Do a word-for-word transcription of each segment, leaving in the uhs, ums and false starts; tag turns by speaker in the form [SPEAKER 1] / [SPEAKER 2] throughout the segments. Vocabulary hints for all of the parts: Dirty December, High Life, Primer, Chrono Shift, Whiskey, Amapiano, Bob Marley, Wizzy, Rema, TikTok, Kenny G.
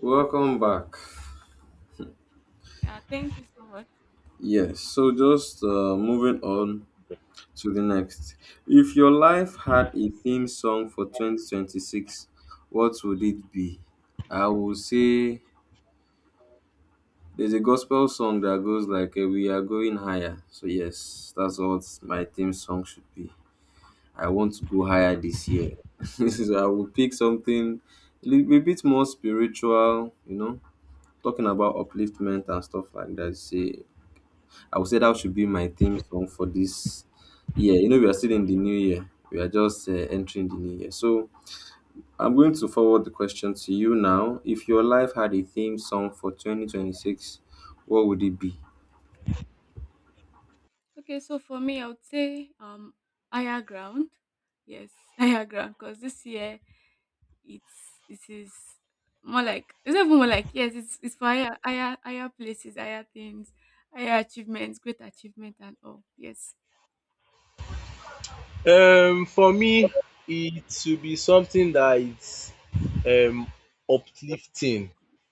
[SPEAKER 1] Welcome back.
[SPEAKER 2] Yeah, thank you so much.
[SPEAKER 1] Yes, so just uh, moving on to the next. If your life had a theme song for twenty twenty-six, what would it be? I would say there's a gospel song that goes like uh, we are going higher. So yes, that's what my theme song should be. I want to go higher this year. So I would pick something a little bit more spiritual, you know, talking about upliftment and stuff like that. Say I would say that should be my theme song for this year. You know, we are still in the new year. We are just uh, entering the new year. So I'm going to forward the question to you now. If your life had a theme song for twenty twenty-six, what would it be?
[SPEAKER 2] Okay, so for me, I would say um higher ground. Yes, higher ground because this year it's it is more like it's not even more like yes, it's it's for higher higher higher places, higher things, higher achievements, great achievement and all. Yes.
[SPEAKER 3] um For me, it should be something that is um uplifting,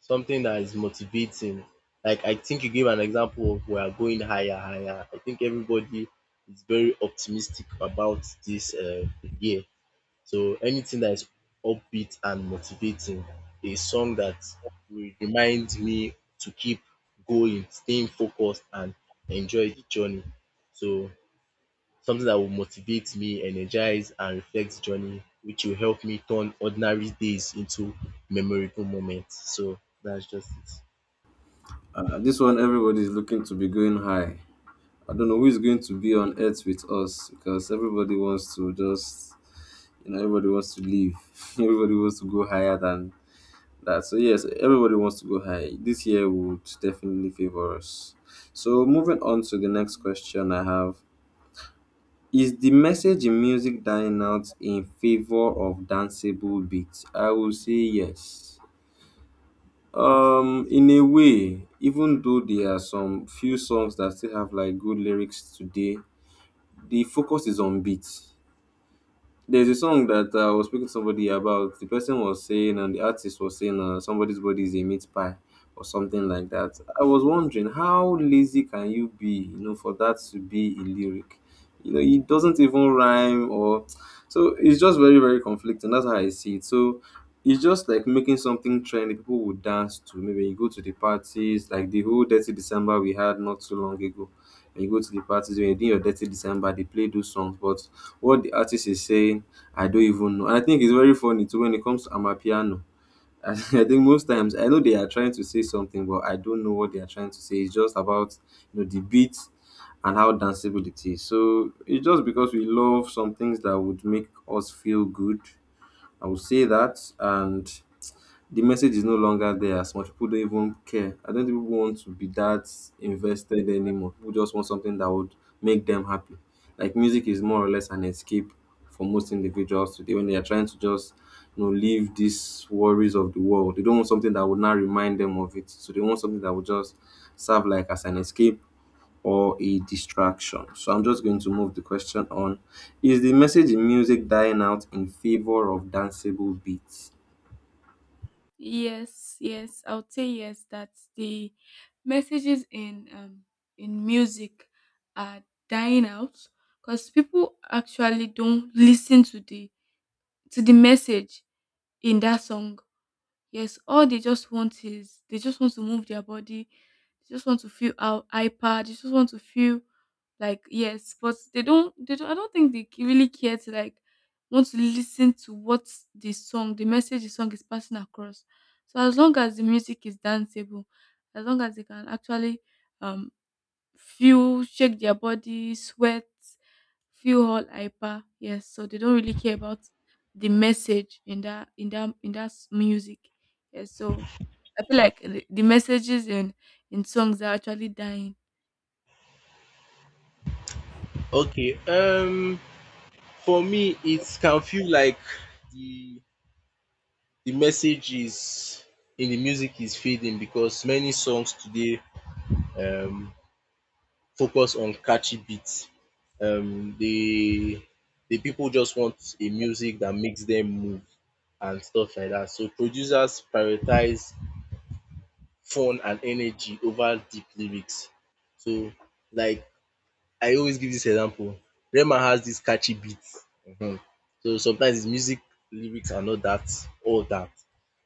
[SPEAKER 3] something that is motivating. Like, I think you gave an example of we are going higher higher. I think everybody is very optimistic about this uh year. So anything that is upbeat and motivating, a song that will remind me to keep going, staying focused, and enjoy the journey. So something that will motivate me, energize, and reflect the journey, which will help me turn ordinary days into memorable moments. So that's just it.
[SPEAKER 1] Uh, this one, everybody is looking to be going high. I don't know who is going to be on earth with us because everybody wants to just, you know, everybody wants to live. Everybody wants to go higher than that. So yes, everybody wants to go high. This year would definitely favor us. So moving on to the
[SPEAKER 2] Yeah,
[SPEAKER 1] next question I have. Is the message in music dying out in favor of danceable beats? I will say yes.
[SPEAKER 2] so
[SPEAKER 1] Um,
[SPEAKER 2] it's
[SPEAKER 1] in
[SPEAKER 2] true.
[SPEAKER 1] a way, even though there are some few songs that still have like good lyrics today, the focus is on beats. There's a song that uh, I was speaking to somebody about. The person was saying, and the artist was saying, uh, somebody's body is a meat pie or something like that. I was wondering how lazy can you be, you know, for that to be a lyric? You know, it doesn't even rhyme or so. It's just very, very conflicting. That's how I see it. So it's just like making something trendy. People would dance to. Maybe you go to the parties, like the whole Dirty December we had not so long ago, and you go to the parties when you're doing your dirty December, they play those songs. But what the artist is saying, I don't even know. And I think it's very funny too when it comes to Amapiano. I think most times I know they are trying to say something, but I don't know what they are trying to say. It's just about, you know, the beat and how danceable it is. So it's just because we love some things that would make us feel good. I would say that, and the message is no longer there as much. People don't even care. I don't think people want to be that invested anymore. People just want something that would make them happy. Like music is more or less an escape for most individuals today when they are trying to just, you know, leave these worries of the world. They don't want something that would not remind them of it. So they want something that would just serve like as an escape or a distraction. So I'm just going to move the question on. Is the message in music dying out in favor of danceable beats?
[SPEAKER 2] Yes, yes, I would say yes that the messages in um in music are dying out because people actually don't listen to the to the message in that song. Yes, all they just want is they just want to move their body, they just want to feel out hyper, they just want to feel like yes, but they don't they don't I don't think they c- really care to like want to listen to what the song, the message the song is passing across. So as long as the music is danceable, as long as they can actually um feel shake their body, sweat, feel all hyper. Yes, so they don't really care about the message in that in that in that s- music. Yes, so I feel like the the messages in in songs are actually dying.
[SPEAKER 3] Okay. Um, for me, it can feel like the the message is in the music is fading because many songs today um focus on catchy beats. Um, the the people just want a music that makes them move and stuff like that. So producers prioritize fun and energy over deep lyrics. So, like, I always give this example, Rema has this catchy beat, um so sometimes his music lyrics are not that, all that,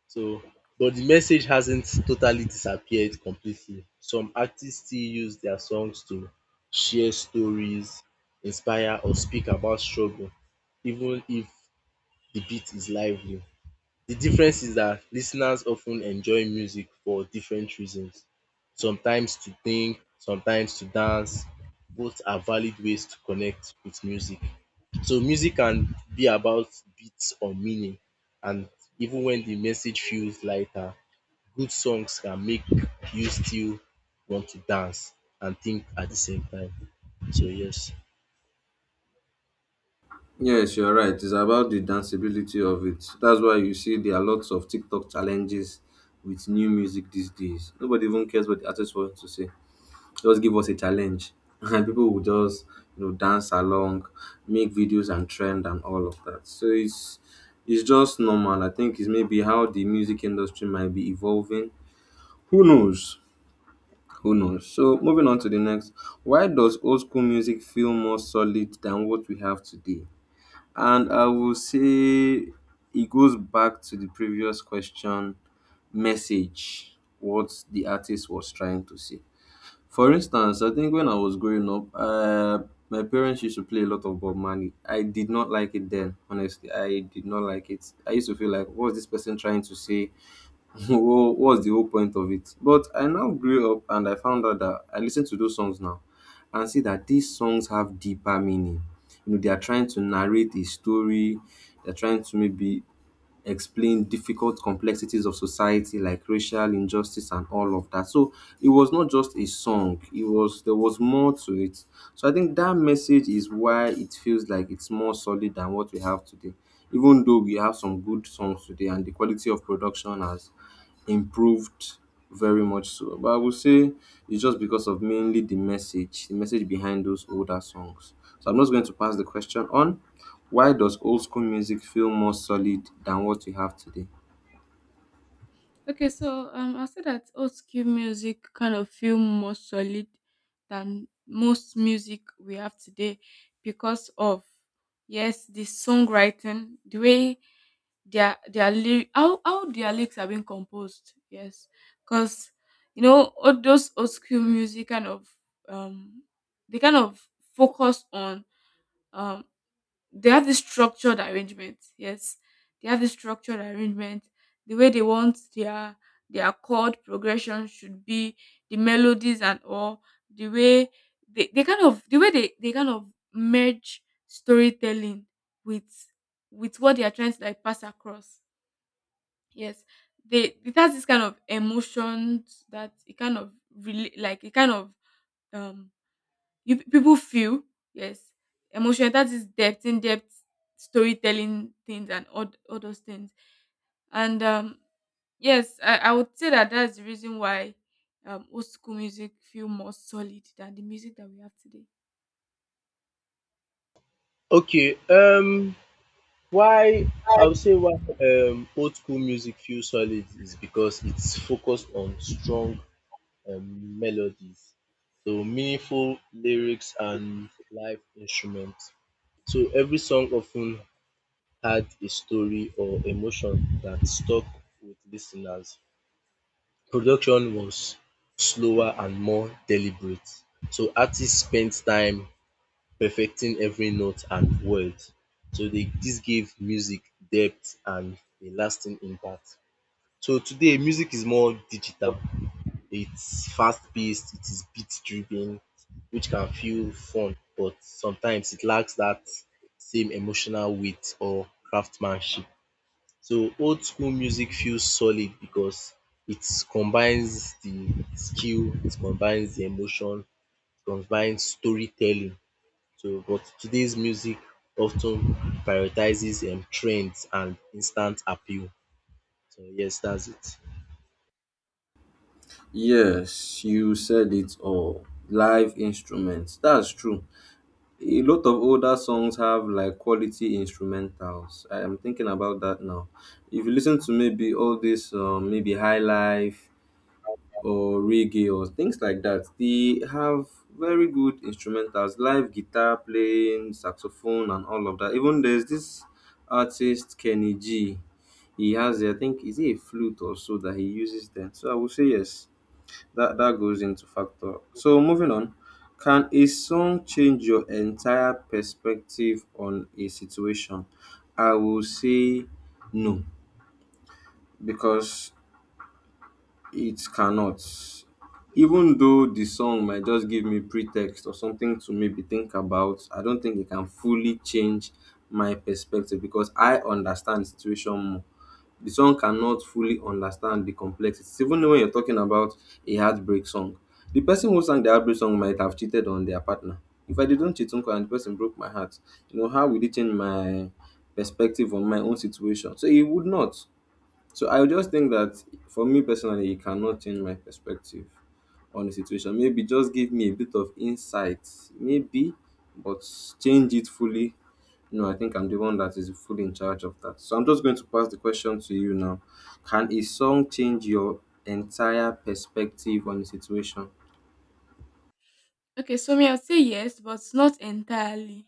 [SPEAKER 3] so, but the message hasn't totally disappeared completely. Some artists still use their songs to share stories, inspire, or speak about struggle even if the beat is lively. The difference is that listeners often enjoy music for different reasons, sometimes to think, sometimes to dance. Both are valid ways to connect with music. So music can be about beats or meaning, and even when the message feels lighter, good songs can make you still want to dance and think at the same time. So yes.
[SPEAKER 1] Yes, you're right. It's about the danceability of it. That's why you see there are lots of TikTok challenges with new music these days. Nobody even cares what the artist wants to say. Just give us a challenge, and people will just, you know, dance along, make videos and trend and all of that. So it's it's just normal. I think it's maybe how the music industry might be evolving. Who knows? Who knows? So moving on to the next. Why does old school music feel more solid than what we have today? And I will say it goes back to the previous question message, what the artist was trying to say. For instance, I think when I was growing up, uh, my parents used to play a lot of Bob Marley. I did not like it then, honestly. I did not like it. I used to feel like, what's this person trying to say? Wha- what's the whole point of it? But I now grew up and I found out that I listen to those songs now and see that these songs have deeper meaning. You know, they are trying to narrate a story, they're trying to maybe explain difficult complexities of society like racial injustice and all of that. So it was not just a song, it was there was more to it. So I think that message is why it feels like it's more solid than what we have today. Even though we have some good songs today and the quality of production has improved very much so. But I would say it's just because of mainly the message, the message behind those older songs. So I'm just going to pass the question on. Why does old school music feel more solid than what we have today?
[SPEAKER 2] Okay, so um, I'll say that old school music kind of feel more solid than most music we have today because of yes, the songwriting, the way their their lyric, how how their lyrics are being composed. Yes, because you know all those old school music kind of um they kind of focus on um they have this structured arrangement. Yes, they have this structured arrangement. The way they want their their chord progression should be, the melodies and all, the way they, they kind of the way they, they kind of merge storytelling with with what they are trying to like pass across. Yes. They it has this kind of emotions that it kind of really like it kind of um you people feel yes emotional that is depth in depth storytelling things and all, th- all those things and um yes I, I would say that that's the reason why um old school music feel more solid than the music that we have today.
[SPEAKER 3] Okay, um why, I would say, why um old school music feels solid is because it's focused on strong um melodies, so meaningful lyrics and live instruments. So every song often had a story or emotion that stuck with listeners. Production was slower and more deliberate, so artists spent time perfecting every note and word. So they, this gave music depth and a lasting impact. So today, music is more digital. It's fast paced, it is beat driven, which can feel fun, but sometimes it lacks that same emotional weight or craftsmanship. So old school music feels solid because it combines the skill, it combines the emotion, it combines storytelling, so, but today's music often prioritizes um, trends and instant appeal. So yes, that's it.
[SPEAKER 1] Yes, you said it all. Live instruments. That's true. A lot of older songs have like quality instrumentals. I am thinking about that now. If you listen to maybe all this, um, maybe High Life, or reggae or things like that. They have very good instrumentals, live guitar playing, saxophone, and all of that. Even there's this artist Kenny G. He has, I think, is it a flute or so that he uses then? So I would say yes. That that goes into factor. So moving on, can a song change your entire perspective on a situation? I will say no because it cannot. Even though the song might just give me pretext or something to maybe think about, I don't think it can fully change my perspective because I understand the situation more. The song cannot fully understand the complexities. Even when you're talking about a heartbreak song, the person who sang the heartbreak song might have cheated on their partner. If I didn't cheat uncle and the person broke my heart, you know, how will it change my perspective on my own situation? So it would not. So I just think that for me personally, it cannot change my perspective on the situation. Maybe just give me a bit of insight, maybe, but change it fully. No, I think I'm the one that is fully in charge of that. So I'm just going to pass the question to you now. Can a song change your entire perspective on the situation?
[SPEAKER 2] Okay, so me, I would say yes, but not entirely.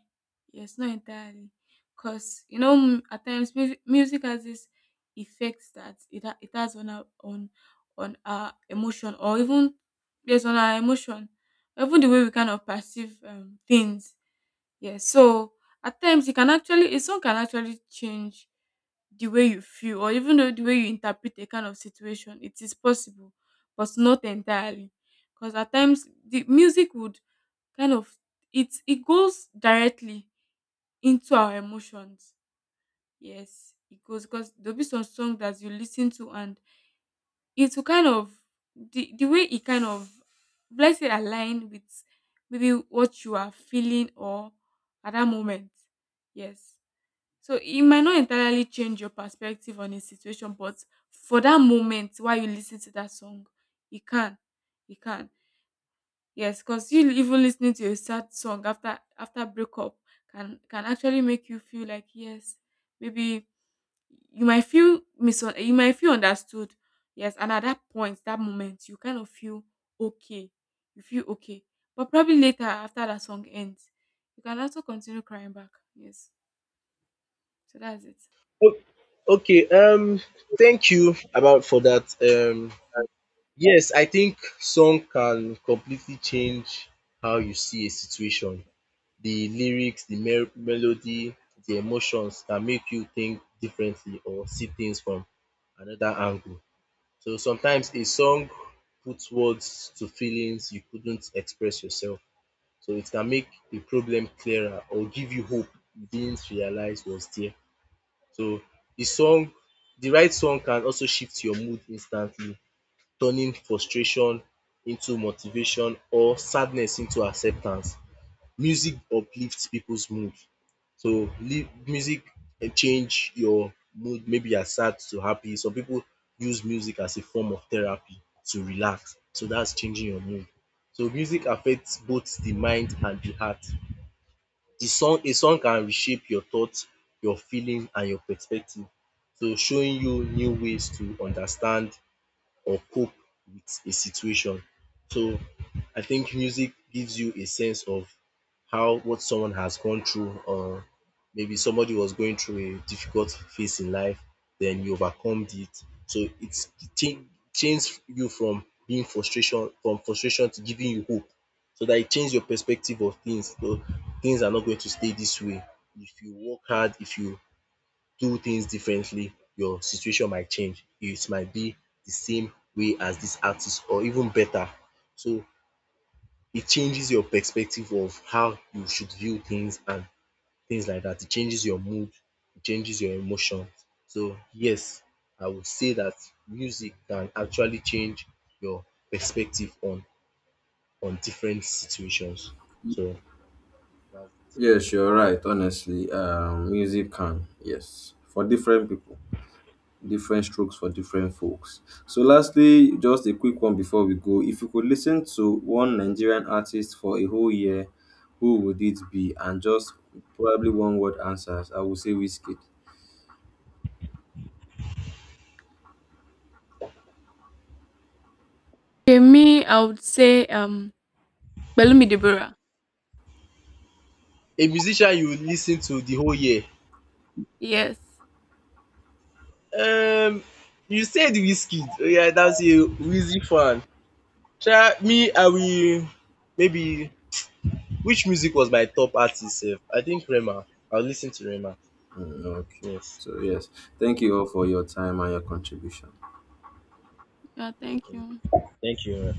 [SPEAKER 2] Yes, not entirely, because you know m- at times music, music has this effect that it ha- it has on our on on our emotion or even yes on our emotion, even the way we kind of perceive um, things. Yes, so at times it can actually a song can actually change the way you feel or even though the way you interpret a kind of situation. It is possible, but not entirely, because at times the music would kind of it it goes directly into our emotions. Yes, it goes because there'll be some song that you listen to and it will kind of the the way it kind of let's say align with maybe what you are feeling or at that moment. Yes. So it might not entirely change your perspective on a situation, but for that moment while you listen to that song, it can. It can. Yes, because you even listening to a sad song after after breakup can can actually make you feel like yes, maybe you might feel mis you might feel understood. Yes, and at that point, that moment, you kind of feel okay. You feel okay, but probably later after that song ends, you can also continue crying back. Yes, so that's it.
[SPEAKER 3] O- Okay, um, thank you about for that. Um, yes, I think song can completely change how you see a situation. The lyrics, the mer- melody, the emotions can make you think differently or see things from another angle. So sometimes a song puts words to feelings you couldn't express yourself. So it can make the problem clearer or give you hope you didn't realize was there. So the song the right song can also shift your mood instantly, turning frustration into motivation or sadness into acceptance. Music uplifts people's mood. So li music can change your mood. Maybe you're sad to happy. Some people use music as a form of therapy to relax. So that's changing your mood. So music affects both the mind and the heart. The song, a song can reshape your thoughts, your feelings, and your perspective. So showing you new ways to understand or cope with a situation. So I think music gives you a sense of how what someone has gone through, or maybe somebody was going through a difficult phase in life, then you overcome it. So it's change change you from being frustration from frustration to giving you hope. So that it change your perspective of things. So things are not going to stay this way. If you work hard, if you do things differently, your situation might change. It might be the same way as this artist or even better. So it changes your perspective of how you should view things and things like that. It changes your mood, it changes your emotions. So yes, I would say that music can actually change your perspective on on different situations. So that's
[SPEAKER 1] Yes, you're right. Honestly, um, music can. Yes, for different people. Different strokes for different folks. So lastly, just a quick one before we go. If you could listen to one Nigerian artist for a whole year, who would it be? And just probably one word answers. I would say Whiskey.
[SPEAKER 2] Okay, me, I would say um, Belumi Deborah.
[SPEAKER 3] a musician you lis ten to the whole year.
[SPEAKER 2] Yes.
[SPEAKER 3] Um, you said whiskey. Oh, yeah, that's a Wizzy fan. Sha, me, I will maybe, which music was my top artist sef? I think Rema. I'll listen to Rema.
[SPEAKER 1] Mm, okay.
[SPEAKER 3] Yes.
[SPEAKER 1] So yes, thank you all for your time and your contribution.
[SPEAKER 2] Yeah. Thank you.
[SPEAKER 3] Thank you.